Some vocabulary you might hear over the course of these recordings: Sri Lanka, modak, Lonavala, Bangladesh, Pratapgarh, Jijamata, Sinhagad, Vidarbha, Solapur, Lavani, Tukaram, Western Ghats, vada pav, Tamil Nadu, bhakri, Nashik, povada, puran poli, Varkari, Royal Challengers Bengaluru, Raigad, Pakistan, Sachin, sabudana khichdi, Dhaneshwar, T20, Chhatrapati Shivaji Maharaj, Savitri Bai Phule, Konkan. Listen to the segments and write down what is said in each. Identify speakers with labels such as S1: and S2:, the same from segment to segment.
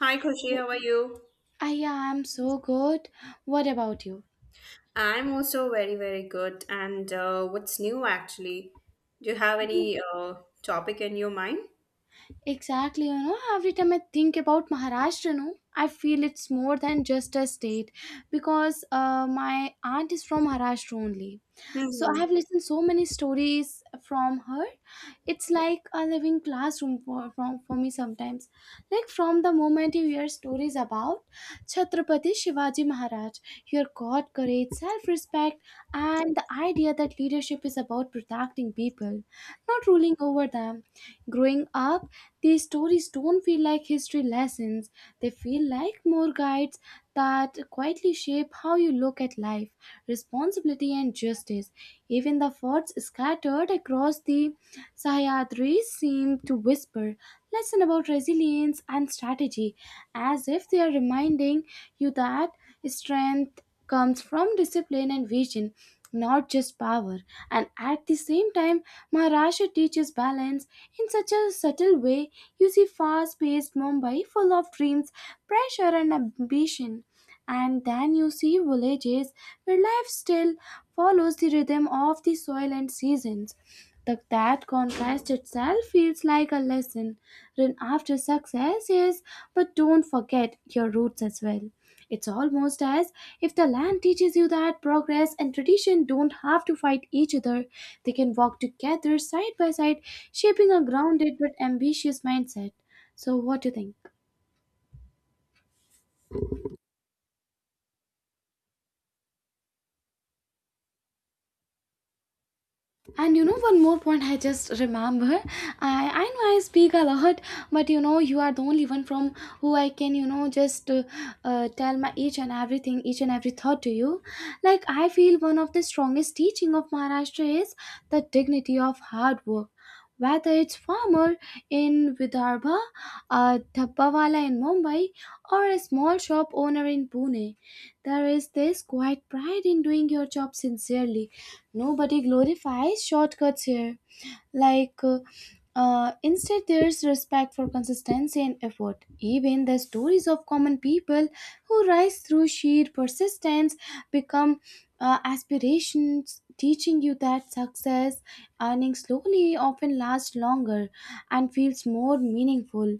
S1: Hi, Kushi, how are you?
S2: I am so good. What about you?
S1: I'm also very, very good. And what's new actually? Do you have any topic in your mind?
S2: Exactly, you know, every time I think about Maharashtra, no, I feel it's more than just a state because my aunt is from Maharashtra only. So I
S1: Mhm.
S2: have listened so many stories from her. It's like a living classroom for me sometimes. Like from the moment you hear stories about Chhatrapati Shivaji Maharaj, your God, courage, self-respect, and the idea that leadership is about protecting people, not ruling over them. Growing up, these stories don't feel like history lessons, they feel like more guides that quietly shape how you look at life, responsibility, and justice. Even the forts scattered across the Sahyadri seemed to whisper lesson about resilience and strategy, as if they are reminding you that strength comes from discipline and vision, not just power. And at the same time, Maharashtra teaches balance in such a subtle way. You see fast paced Mumbai full of dreams, pressure, and ambition and then you see villages where life still follows the rhythm of the soil and seasons. That contrast itself feels like a lesson. Run after success, yes, but don't forget your roots as well. It's almost as if the land teaches you that progress and tradition don't have to fight each other. They can walk together side by side, shaping a grounded but ambitious mindset. So, what do you think? And you know, one more point I just remember. I know I speak a lot, but you know, you are the only one from who I can, you know, just tell my each and everything, each and every thought to you. Like, I feel one of the strongest teaching of Maharashtra is the dignity of hard work. Whether it's farmer in Vidarbha, a dhabbawala in Mumbai, or a small shop owner in Pune, there is this quiet pride in doing your job sincerely. Nobody glorifies shortcuts here. Like, instead, there's respect for consistency and effort. Even the stories of common people who rise through sheer persistence become aspirations, teaching you that success, earning slowly, often lasts longer and feels more meaningful.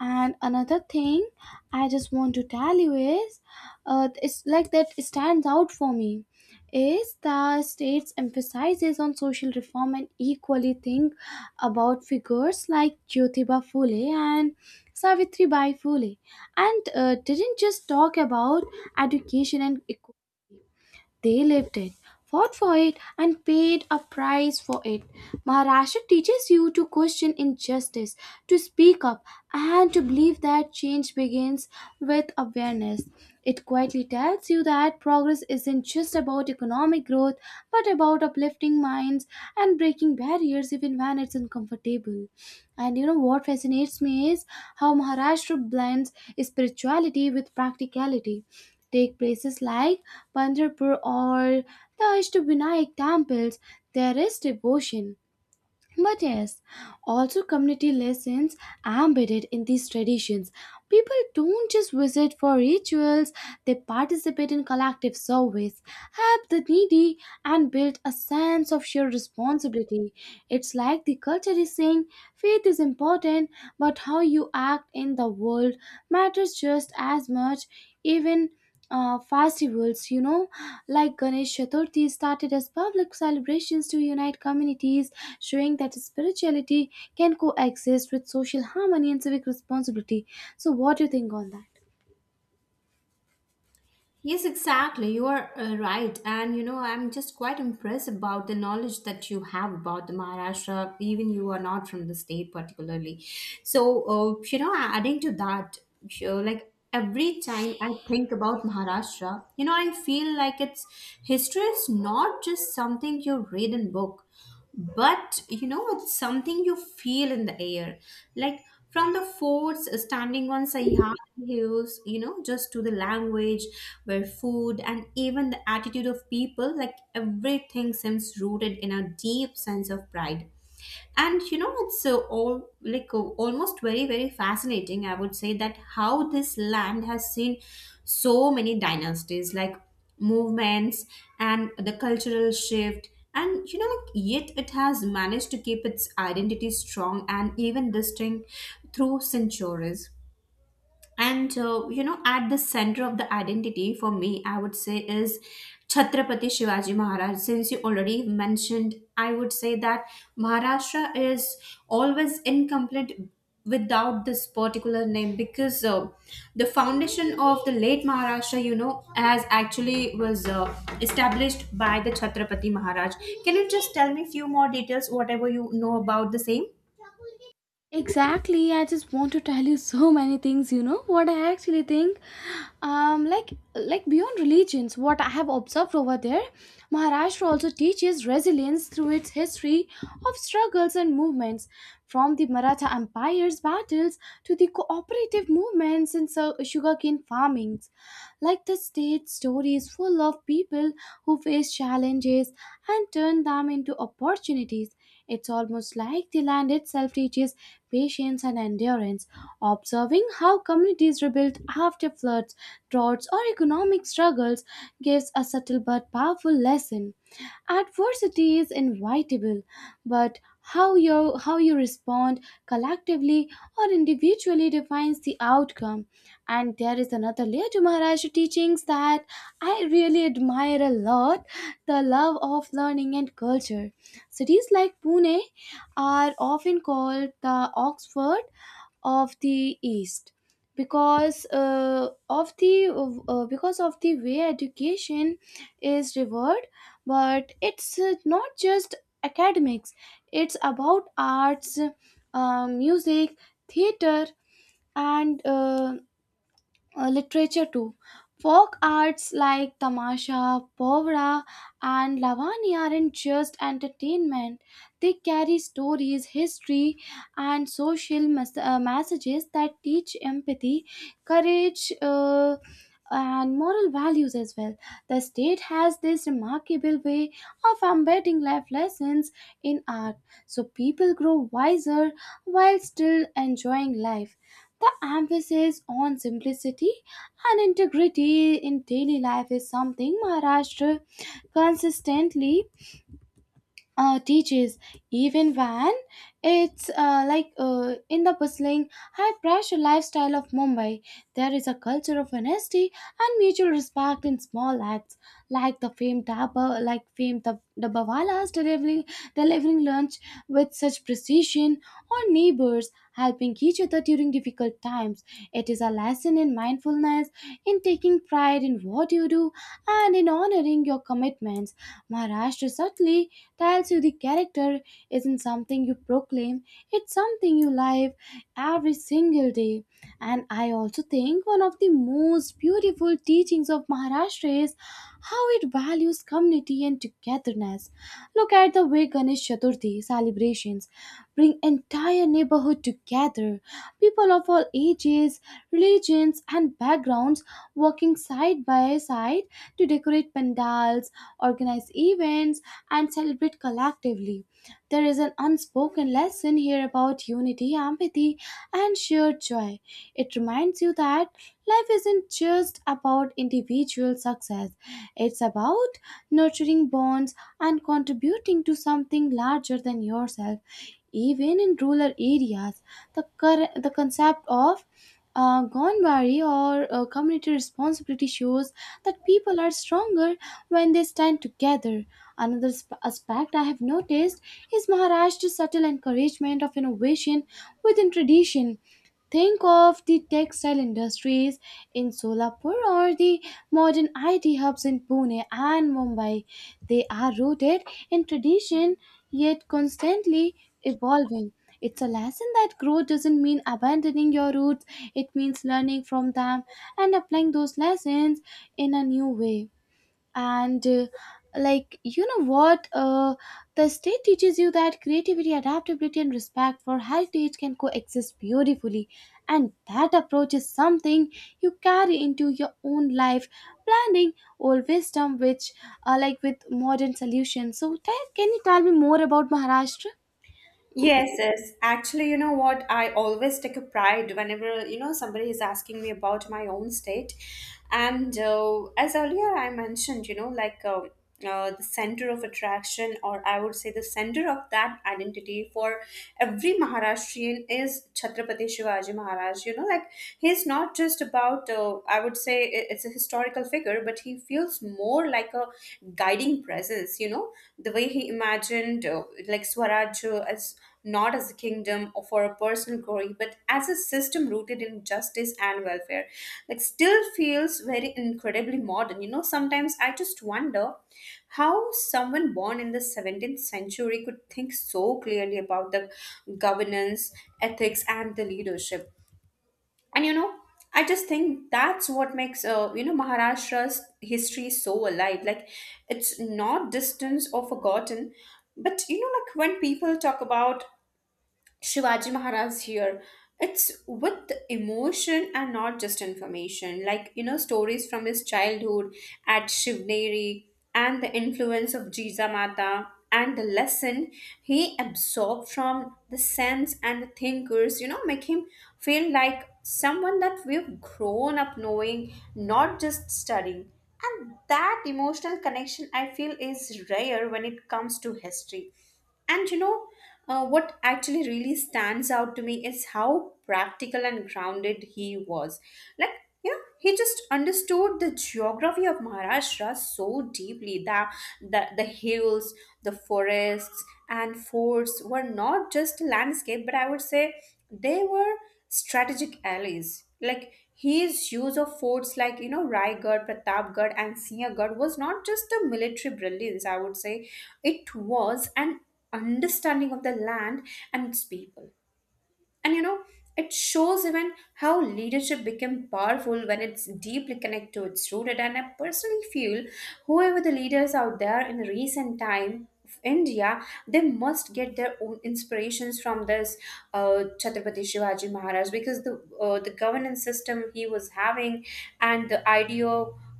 S2: And another thing I just want to tell you is, it's like that stands out for me, is the state's emphasizes on social reform and equally think about figures like Jyotiba Phule and Savitri Bai Phule, and didn't just talk about education and equality. They lived it, fought for it, and paid a price for it. Maharashtra teaches you to question injustice, to speak up, and to believe that change begins with awareness. It quietly tells you that progress isn't just about economic growth, but about uplifting minds and breaking barriers even when it's uncomfortable. And you know what fascinates me is how Maharashtra blends spirituality with practicality. Take places like Pandharpur or the Ashtabhinayak temples, there is devotion. But yes, also community lessons embedded in these traditions. People don't just visit for rituals, they participate in collective service, help the needy, and build a sense of shared responsibility. It's like the culture is saying faith is important, but how you act in the world matters just as much, even festivals, you know, like Ganesh Chaturthi started as public celebrations to unite communities, showing that spirituality can coexist with social harmony and civic responsibility. So, what do you think on that?
S1: Yes, exactly. You are right. And you know, I'm just quite impressed about the knowledge that you have about the Maharashtra, even you are not from the state particularly. So, you know, adding to that, you know, like every time I think about Maharashtra, you know, I feel like it's history is not just something you read in book, but you know it's something you feel in the air, like from the forts standing on Sayhat hills, you know, just to the language, where food and even the attitude of people, like everything seems rooted in a deep sense of pride. And you know it's all like almost very, very fascinating, I would say, that how this land has seen so many dynasties, like movements and the cultural shift, and you know, like yet it has managed to keep its identity strong and even distinct through centuries. And you know, at the center of the identity for me, I would say, is Chhatrapati Shivaji Maharaj. Since you already mentioned, I would say that Maharashtra is always incomplete without this particular name, because the foundation of the late Maharashtra, you know, as actually was established by the Chhatrapati Maharaj. Can you just tell me few more details, whatever you know about the same?
S2: Exactly, I just want to tell you so many things, you know, what I actually think. Like beyond religions, what I have observed over there, Maharashtra also teaches resilience through its history of struggles and movements, from the Maratha Empire's battles to the cooperative movements and so sugarcane farmings like the state stories full of people who face challenges and turn them into opportunities. It's almost like the land itself teaches patience and endurance. Observing how communities rebuild after floods, droughts, or economic struggles gives a subtle but powerful lesson. Adversity is inevitable, but how you respond collectively or individually defines the outcome. And there is another layer to maharaj teachings that I really admire a lot. The love of learning and culture. Cities like Pune are often called the Oxford of the East because of the because of the way education is revered, but it's not just academics, it's about arts, music, theater, and literature too. Folk arts like Tamasha, Povra, and Lavani aren't just entertainment. They carry stories, history, and social messages that teach empathy, courage, and moral values as well. The state has this remarkable way of embedding life lessons in art, so people grow wiser while still enjoying life. The emphasis on simplicity and integrity in daily life is something Maharashtra consistently teaches, even when it's in the bustling high pressure lifestyle of Mumbai, there is a culture of honesty and mutual respect in small acts like the famed dabba like famed the dabbawalas delivering lunch with such precision, or neighbors helping each other during difficult times. It is a lesson in mindfulness, in taking pride in what you do, and in honoring your commitments. Maharashtra subtly tells you the character isn't something you proclaim, it's something you live every single day. And I also think one of the most beautiful teachings of Maharashtra is how it values community and togetherness. Look at the way Ganesh Chaturthi celebrations bring entire neighborhood together. People of all ages, religions, and backgrounds working side by side to decorate pandals, organize events, and celebrate collectively. There is an unspoken lesson here about unity, empathy, and shared joy. It reminds you that life isn't just about individual success, it's about nurturing bonds and contributing to something larger than yourself. Even in rural areas, the concept of Gonbari or community responsibility shows that people are stronger when they stand together. Another aspect I have noticed is Maharashtra's subtle encouragement of innovation within tradition. Think of the textile industries in Solapur or the modern IT hubs in Pune and Mumbai. They are rooted in tradition yet constantly evolving. It's a lesson that growth doesn't mean abandoning your roots, it means learning from them and applying those lessons in a new way. And like you know what the state teaches you that creativity, adaptability, and respect for heritage can coexist beautifully, and that approach is something you carry into your own life, blending old wisdom which like with modern solutions. So tell, can you tell me more about Maharashtra?
S1: Yes, yes. Actually, you know what? I always take a pride whenever, you know, somebody is asking me about my own state. And as earlier I mentioned, you know, like the center of attraction, or I would say the center of that identity for every Maharashtrian is Chhatrapati Shivaji Maharaj. You know, like he's not just about, I would say it's a historical figure, but he feels more like a guiding presence, you know, the way he imagined like swaraj, as not as a kingdom or for a personal glory, but as a system rooted in justice and welfare, like still feels very incredibly modern. You know, sometimes I just wonder how someone born in the 17th century could think so clearly about the governance, ethics, and the leadership. And you know, I just think that's what makes, you know, Maharashtra's history so alive, like it's not distant or forgotten. But you know, like when people talk about Shivaji Maharaj here, it's with emotion and not just information. Like, you know, stories from his childhood at Shivneri, and the influence of Jijamata, and the lesson he absorbed from the saints and the thinkers, you know, make him feel like someone that we've grown up knowing, not just studying. And that emotional connection, I feel, is rare when it comes to history. And you know, what actually really stands out to me is how practical and grounded he was. Like, you know, he just understood the geography of Maharashtra so deeply that the hills, the forests, and forts were not just landscape, but I would say they were strategic allies. Like, his use of forts like, you know, Raigad, Pratapgarh, and Sinhagad was not just a military brilliance, I would say, it was an understanding of the land and its people. And you know, it shows even how leadership became powerful when it's deeply connected to its rooted. And I personally feel whoever the leaders out there in the recent time of India, they must get their own inspirations from this Chhatrapati Shivaji Maharaj, because the governance system he was having and the idea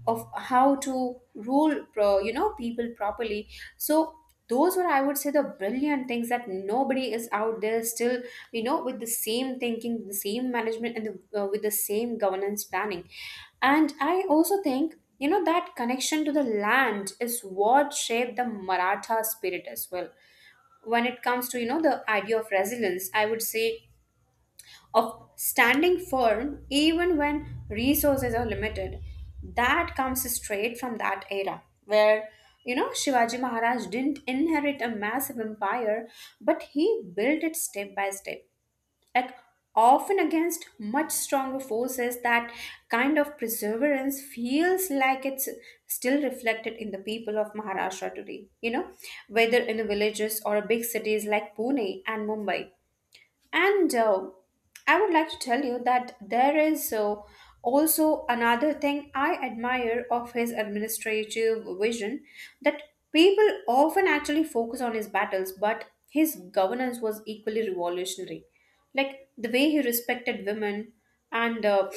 S1: of how to rule, you know, people properly. So those were, I would say, the brilliant things that nobody is out there still, you know, with the same thinking, the same management, and the, with the same governance planning. And I also think, you know, that connection to the land is what shaped the Maratha spirit as well. When it comes to, you know, the idea of resilience, I would say, of standing firm even when resources are limited, that comes straight from that era where, you know, Shivaji Maharaj didn't inherit a massive empire, but he built it step by step, like often against much stronger forces. That kind of perseverance feels like it's still reflected in the people of Maharashtra today, you know, whether in the villages or big cities like Pune and Mumbai. And I would like to tell you that there is also another thing I admire of his administrative vision, that people often actually focus on his battles, but his governance was equally revolutionary. Like the way he respected women, and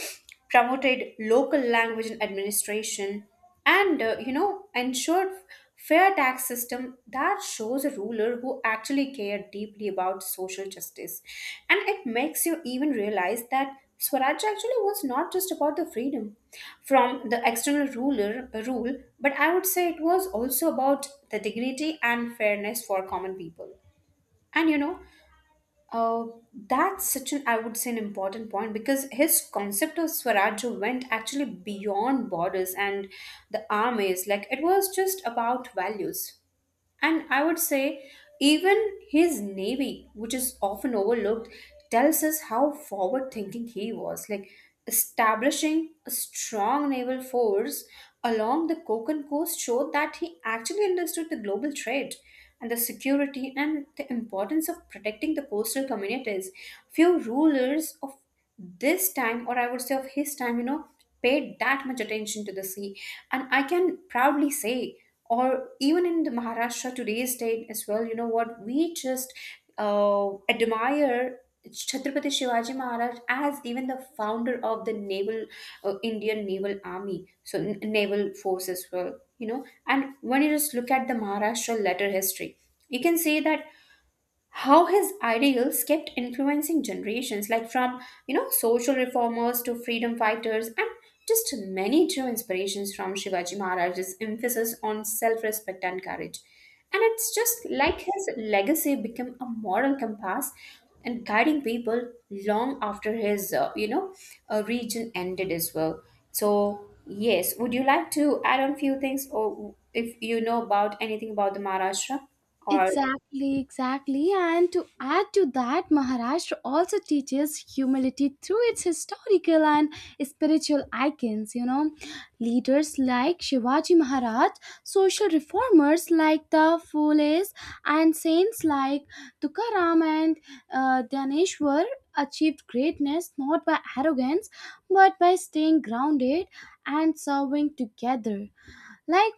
S1: promoted local language in administration, and you know, ensured fair tax system, that shows a ruler who actually cared deeply about social justice. And it makes you even realize that Swaraj actually was not just about the freedom from the external ruler rule, but I would say it was also about the dignity and fairness for common people. And you know, uh, that's such an, I would say, an important point, because his concept of Swaraj went actually beyond borders and the armies. Like, it was just about values. And I would say, even his navy, which is often overlooked, tells us how forward thinking he was. Like establishing a strong naval force along the Konkan coast showed that he actually understood the global trade and the security and the importance of protecting the coastal communities. Few rulers of this time, or I would say of his time, you know, paid that much attention to the sea. And I can proudly say, or even in the Maharashtra today's date as well, you know, what we just admire Chhatrapati Shivaji Maharaj as even the founder of the naval Indian naval army, so naval force as well. You know, and when you just look at the Maharashtra letter history, you can see that how his ideals kept influencing generations, like from, you know, social reformers to freedom fighters, and just many true inspirations from Shivaji Maharaj's emphasis on self-respect and courage. And it's just like his legacy became a moral compass and guiding people long after his, you know, region ended as well. So yes, would you like to add on few things, or if you know about anything about the Maharashtra, or?
S2: Exactly, exactly. And to add to that, Maharashtra also teaches humility through its historical and spiritual icons, you know. Leaders like Shivaji Maharaj, social reformers like the Phules, and saints like Tukaram and Dyaneshwar achieved greatness not by arrogance but by staying grounded and serving together, like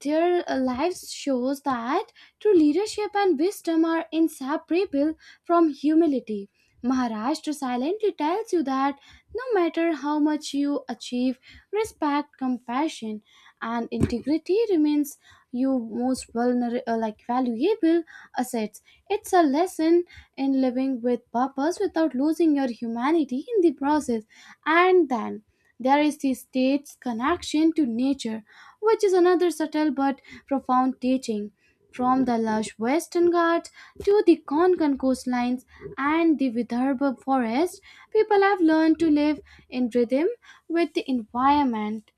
S2: their lives shows that true leadership and wisdom are inseparable from humility. Maharashtra silently tells you that no matter how much you achieve, respect, compassion, and integrity remains your most vulnerable like valuable assets. It's a lesson in living with purpose without losing your humanity in the process. And then there is the state's connection to nature, which is another subtle but profound teaching. From the lush Western Ghats to the Konkan coastlines and the Vidarbha forest, people have learned to live in rhythm with the environment.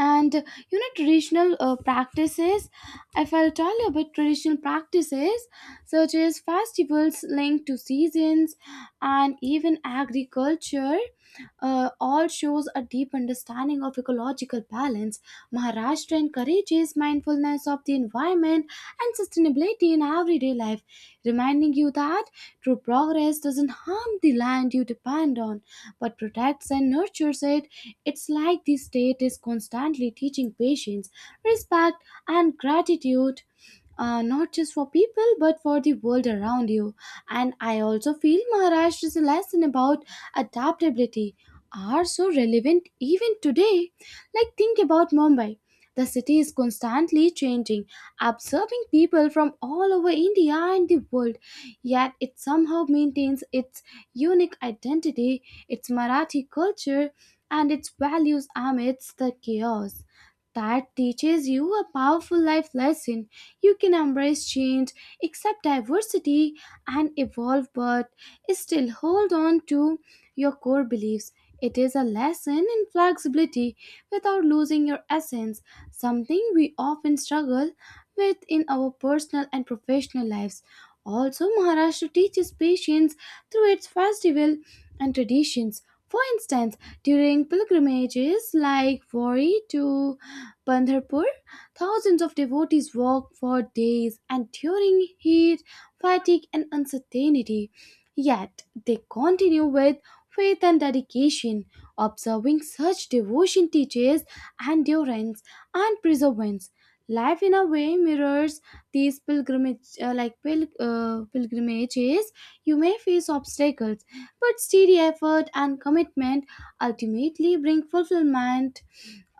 S2: And you know, traditional practices if I'll tell you about traditional practices such as festivals linked to seasons and even agriculture all shows a deep understanding of ecological balance. Maharashtra encourages mindfulness of the environment and sustainability in everyday life, reminding you that true progress doesn't harm the land you depend on but protects and nurtures it. It's like the state is constantly teaching patience, respect, and gratitude. Not just for people but for the world around you. And I also feel Maharashtra's lesson about adaptability are so relevant even today. Like, think about Mumbai. The city is constantly changing, absorbing people from all over India and the world, yet it somehow maintains its unique identity, its Marathi culture, and its values amidst the chaos. That teaches you a powerful life lesson. You can embrace change, accept diversity, and evolve, but still hold on to your core beliefs. It is a lesson in flexibility without losing your essence, something we often struggle with in our personal and professional lives. Also, Maharashtra teaches patience through its festival and traditions. For instance, during pilgrimages like Wari to Pandharpur, thousands of devotees walk for days and during heat, fatigue, and uncertainty. Yet they continue with faith and dedication. Observing such devotion teaches endurance and perseverance. Life in a way mirrors these pilgrimages. You may face obstacles but steady effort and commitment ultimately bring fulfillment.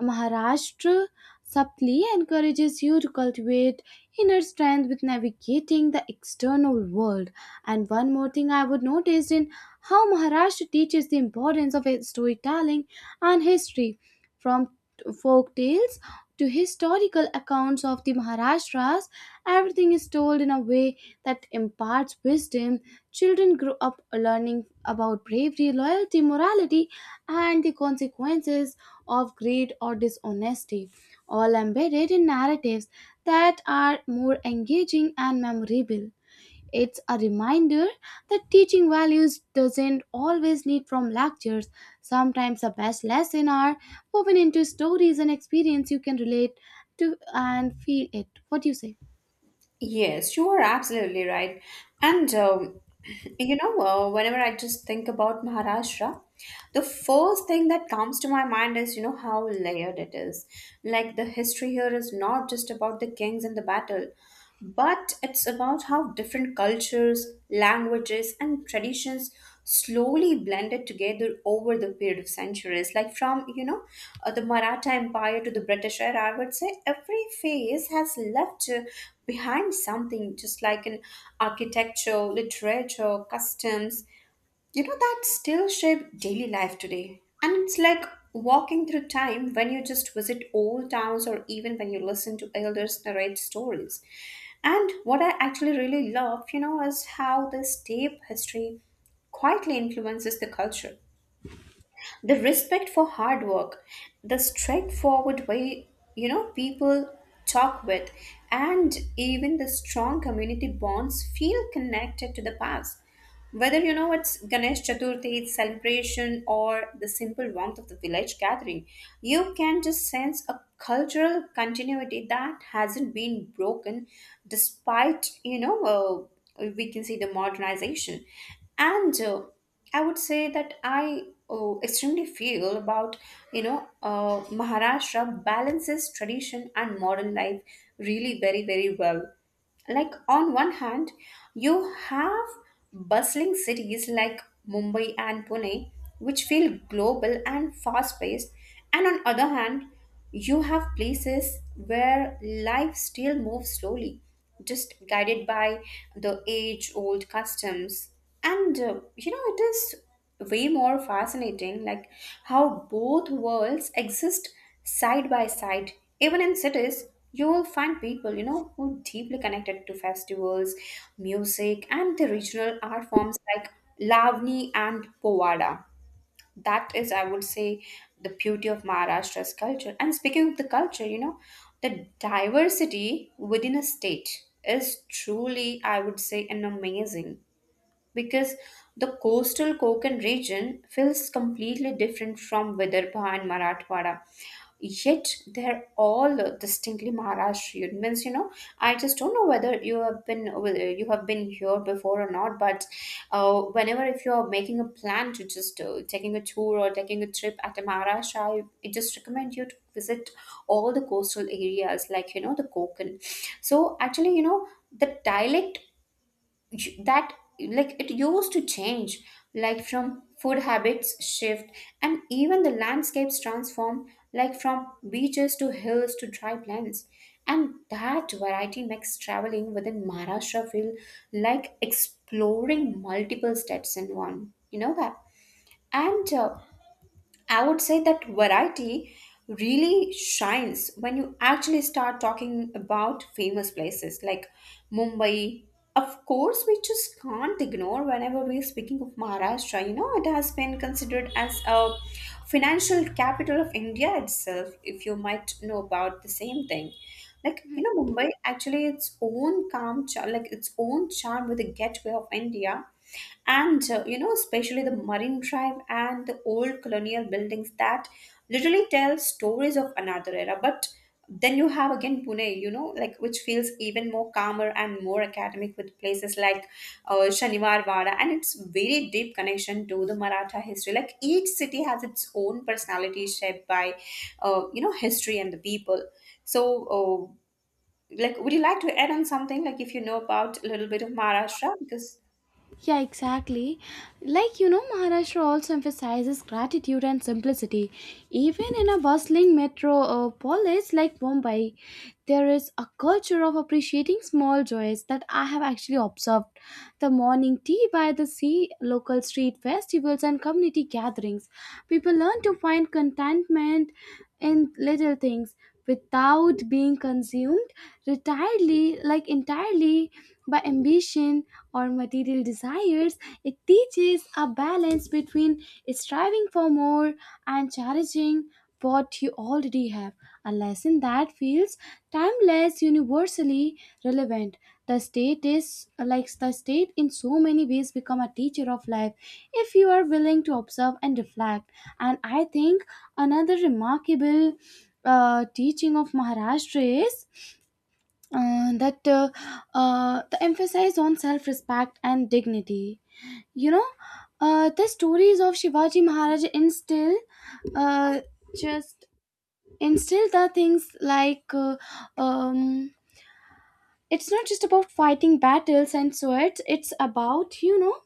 S2: Maharashtra subtly encourages you to cultivate inner strength with navigating the external world. And one more thing I would notice in how Maharashtra teaches the importance of storytelling and history, from folk tales to historical accounts of the Maharashtra's. Everything is told in a way that imparts wisdom. Children grow up learning about bravery, loyalty, morality, and the consequences of greed or dishonesty, all embedded in narratives that are more engaging and memorable. It's a reminder that teaching values doesn't always need from lectures. Sometimes the best lesson are woven into stories and experience you can relate to and feel it. What do you say?
S1: Yes, you are absolutely right. And you know, whenever I just think about Maharashtra, the first thing that comes to my mind is, you know, how layered it is. Like the history here is not just about the kings and the battle, but it's about how different cultures, languages, and traditions slowly blended together over the period of centuries. Like from, you know, the Maratha Empire to the British era, I would say every phase has left behind something, just like in architecture, literature, customs, you know, that still shape daily life today. And it's like walking through time when you just visit old towns, or even when you listen to elders narrate stories. And what I actually really love, you know, is how this deep history quietly influences the culture. The respect for hard work, the straightforward way, you know, people talk with, and even the strong community bonds feel connected to the past. Whether you know it's Ganesh Chaturthi, its celebration, or the simple warmth of the village gathering, you can just sense a cultural continuity that hasn't been broken despite, you know, we can see the modernization. And I would say that I extremely feel about, you know, Maharashtra balances tradition and modern life really very, very well. Like on one hand you have bustling cities like Mumbai and Pune, which feel global and fast paced, and on other hand you have places where life still moves slowly, just guided by the age old customs. And you know, it is way more fascinating, like how both worlds exist side by side. Even in cities you will find people, you know, who deeply connected to festivals, music, and the regional art forms like Lavani and Povada. That is, I would say, the beauty of Maharashtra's culture. And speaking of the culture, you know, the diversity within a state is truly, I would say, an amazing, because the coastal Konkan region feels completely different from Vidarbha and Marathwada, yet they're all distinctly Maharashtrian. Means, you know, I just don't know whether you have been, whether you have been here before or not. But whenever if you are making a plan to just taking a tour or taking a trip at Maharashtra, I just recommend you to visit all the coastal areas, like you know, the Konkan. So actually, you know, the dialect that, like, it used to change, like from food habits shift and even the landscapes transform, like from beaches to hills to dry plains, and that variety makes traveling within Maharashtra feel like exploring multiple states in one, you know that. And I would say that variety really shines when you actually start talking about famous places like Mumbai. Of course, we just can't ignore whenever we're speaking of Maharashtra. You know, it has been considered as a financial capital of India itself, if you might know about the same thing. Like, you know, Mumbai actually its own calm charm, like its own charm with the gateway of India. You know, especially the Marine Drive and the old colonial buildings that literally tell stories of another era. But then you have again Pune, you know, like which feels even more calmer and more academic with places like Shaniwar Wada, and it's very deep connection to the Maratha history. Like each city has its own personality shaped by, you know, history and the people. So, uh, like, would you like to add on something? Like, if you know about a little bit of Maharashtra, because
S2: Yeah, exactly. Like, you know, Maharashtra also emphasizes gratitude and simplicity. Even in a bustling metropolis like Mumbai, there is a culture of appreciating small joys that I have actually observed. The morning tea by the sea, local street festivals, and community gatherings. People learn to find contentment in little things without being consumed entirely by ambition or material desires. It teaches a balance between striving for more and cherishing what you already have, a lesson that feels timeless, universally relevant. The state in so many ways become a teacher of life if you are willing to observe and reflect. And I think another remarkable teaching of Maharashtra is that the emphasis on self-respect and dignity. You know, the stories of Shivaji Maharaj instill uh, just instill the things like um, it's not just about fighting battles and swords. It's about, you know,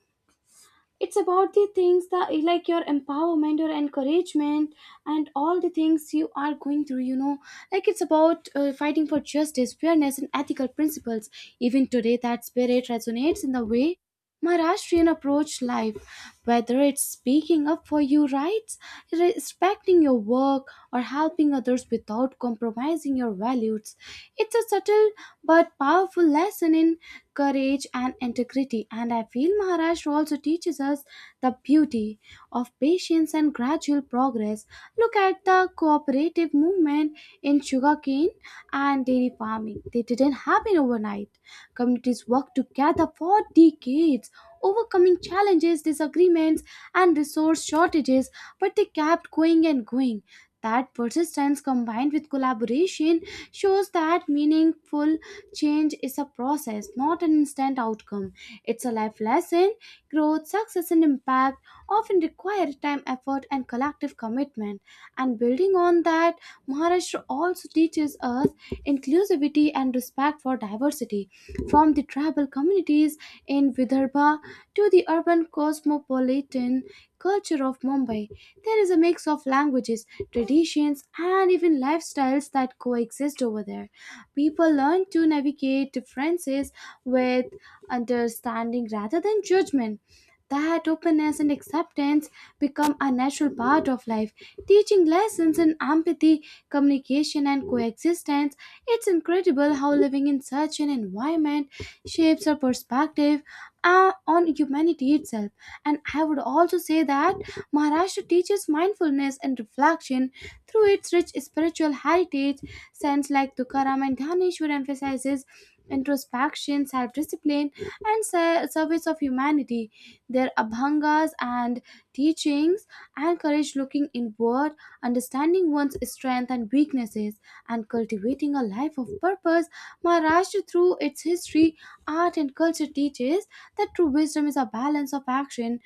S2: it's about the things that like your empowerment, your encouragement, and all the things you are going through, you know. Like it's about fighting for justice, fairness, and ethical principles. Even today, that spirit resonates in the way Maharashtrian approach life, whether it's speaking up for your rights, respecting your work, or helping others without compromising your values. It's a subtle but powerful lesson in courage and integrity. And I feel Maharashtra also teaches us the beauty of patience and gradual progress. Look at the cooperative movement in sugarcane and dairy farming. They didn't happen overnight. Communities worked together for decades, overcoming challenges, disagreements, and resource shortages, but they kept going and going. That persistence combined with collaboration shows that meaningful change is a process, not an instant outcome. It's a life lesson. Growth, success, and impact often require time, effort, and collective commitment. And building on that, Maharashtra also teaches us inclusivity and respect for diversity. From the tribal communities in Vidarbha to the urban cosmopolitan culture of Mumbai, there is a mix of languages, traditions, and even lifestyles that coexist over there. People learn to navigate differences with understanding rather than judgment. That openness and acceptance become a natural part of life, teaching lessons in empathy, communication, and coexistence. It's incredible how living in such an environment shapes our perspective on humanity itself. And I would also say that Maharashtra teaches mindfulness and reflection through its rich spiritual heritage. Saints like Tukaram and Dhaneshwar emphasizes introspection, self-discipline, and service of humanity. Their abhangas and teachings encourage looking inward, understanding one's strength and weaknesses, and cultivating a life of purpose. Maharashtra, through its history, art, and culture, teaches that true wisdom is a balance of action,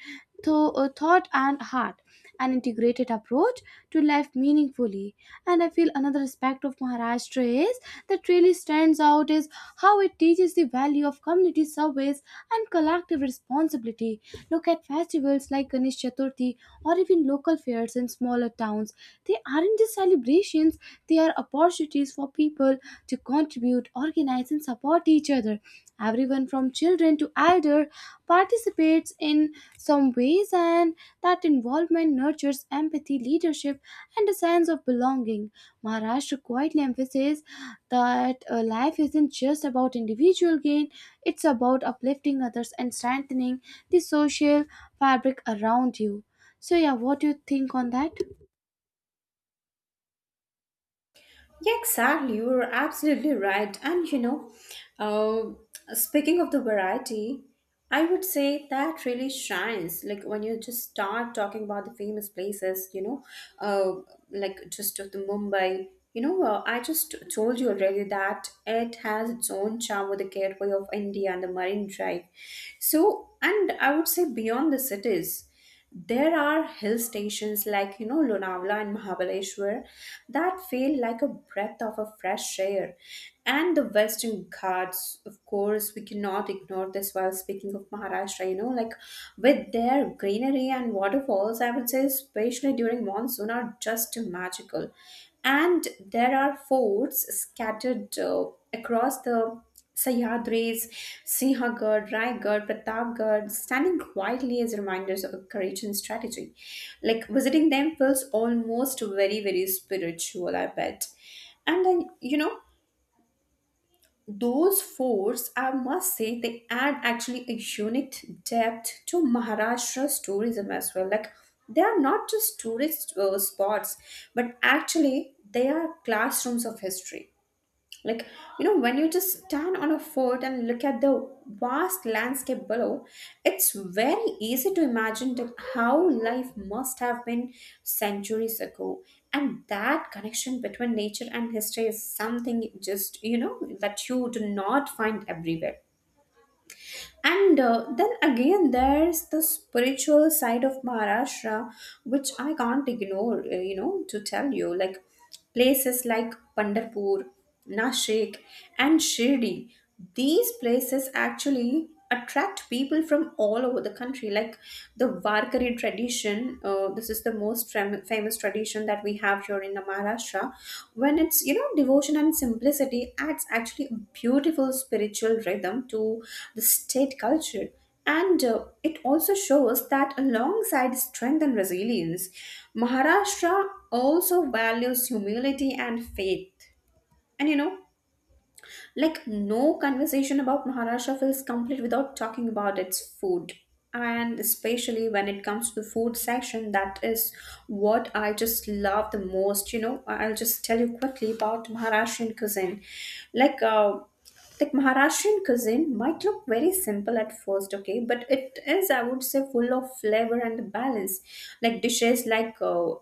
S2: thought, and heart, an integrated approach to life meaningfully. And I feel another aspect of Maharashtra is that really stands out is how it teaches the value of community service and collective responsibility. Look at festivals like Ganesh Chaturthi or even local fairs in smaller towns. They aren't just celebrations, they are opportunities for people to contribute, organize, and support each other. Everyone from children to elder participates in some ways, and that involvement nurtures empathy, leadership, and a sense of belonging. Maharashtra quietly emphasizes that life isn't just about individual gain, it's about uplifting others and strengthening the social fabric around you. So, yeah, what do you think on that?
S1: yeah, exactly. You're absolutely right. And you know, speaking of the variety, I would say that really shines. Like when you just start talking about the famous places, uh, just of the Mumbai. You know, I just told you already that it has its own charm with the gateway of India and the Marine Drive. So, and I would say beyond the cities. There are hill stations like, you know, Lonavala and Mahabaleshwar that feel like a breath of a fresh air. And the Western Ghats, of course, we cannot ignore this while speaking of Maharashtra, you know, like with their greenery and waterfalls, I would say, especially during monsoon, are just magical. And there are forts scattered across the Sahyadris, Sinhagad, Raigad, Pratapgarh, standing quietly as reminders of courage and strategy. Like visiting them feels almost very, very spiritual, I bet. And then, you know, those forts, I must say, they add actually a unique depth to Maharashtra's tourism as well. Like, they are not just tourist spots, but actually, they are classrooms of history, like, you know, when you just stand on a fort and look at the vast landscape below, it's very easy to imagine that how life must have been centuries ago, and that connection between nature and history is something, just, you know, that you do not find everywhere. And then again, there's the spiritual side of Maharashtra, which I can't ignore, you know, to tell you. Like places like Pandarpur, Nashik, and Shirdi, these places actually attract people from all over the country. Like the Varkari tradition, this is the most famous tradition that we have here in Maharashtra, when it's, you know, devotion and simplicity adds actually a beautiful spiritual rhythm to the state culture. And it also shows that alongside strength and resilience, Maharashtra also values humility and faith. And, you know, like, no conversation about Maharashtra feels complete without talking about its food. And especially when it comes to the food section, that is what I just love the most. You know, I'll just tell you quickly about Maharashtrian cuisine. Like, uh, like Maharashtrian cuisine might look very simple at first, okay, but it is, I would say, full of flavor and balance. Like dishes like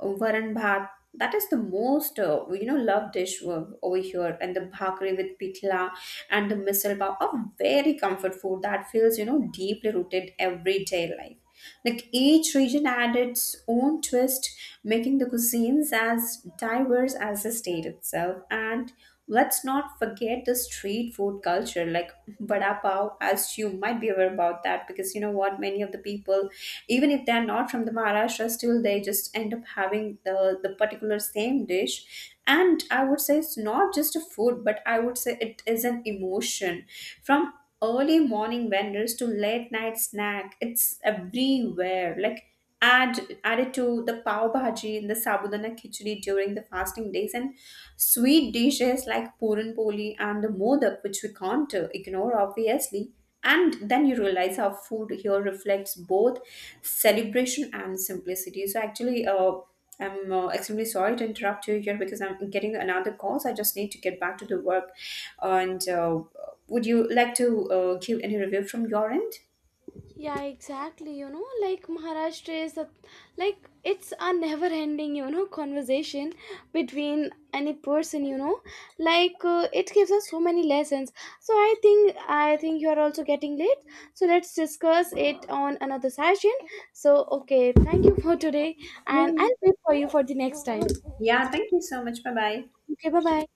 S1: varan bhat, that is the most you know, loved dish over here, and the bhakri with pitla and the misal pav are very comfort food that feels, you know, deeply rooted everyday life. Like each region had its own twist, making the cuisines as diverse as the state itself. And let's not forget the street food culture, like vada pav, as you might be aware about that, because you know what, many of the people, even if they're not from the Maharashtra, still they just end up having the particular same dish. And I would say it's not just a food, but I would say it is an emotion, from early morning vendors to late night snack, it's everywhere. Like add it to the pav bhaji and the sabudana khichdi during the fasting days, and sweet dishes like puran poli and the modak, which we can't ignore, obviously. And then you realize how food here reflects both celebration and simplicity. So actually, I'm extremely sorry to interrupt you here because I'm getting another call, so I just need to get back to the work. And would you like to give any review from your end?
S2: Yeah, exactly. You know, like Maharashtra is a, like it's a never ending, you know, conversation between any person, you know, like it gives us so many lessons. So I think you are also getting late. So let's discuss it on another session. So okay, thank you for today, and
S1: Yeah.
S2: I'll wait for you for the next time.
S1: Yeah, thank you so much. Bye bye.
S2: Okay, bye bye.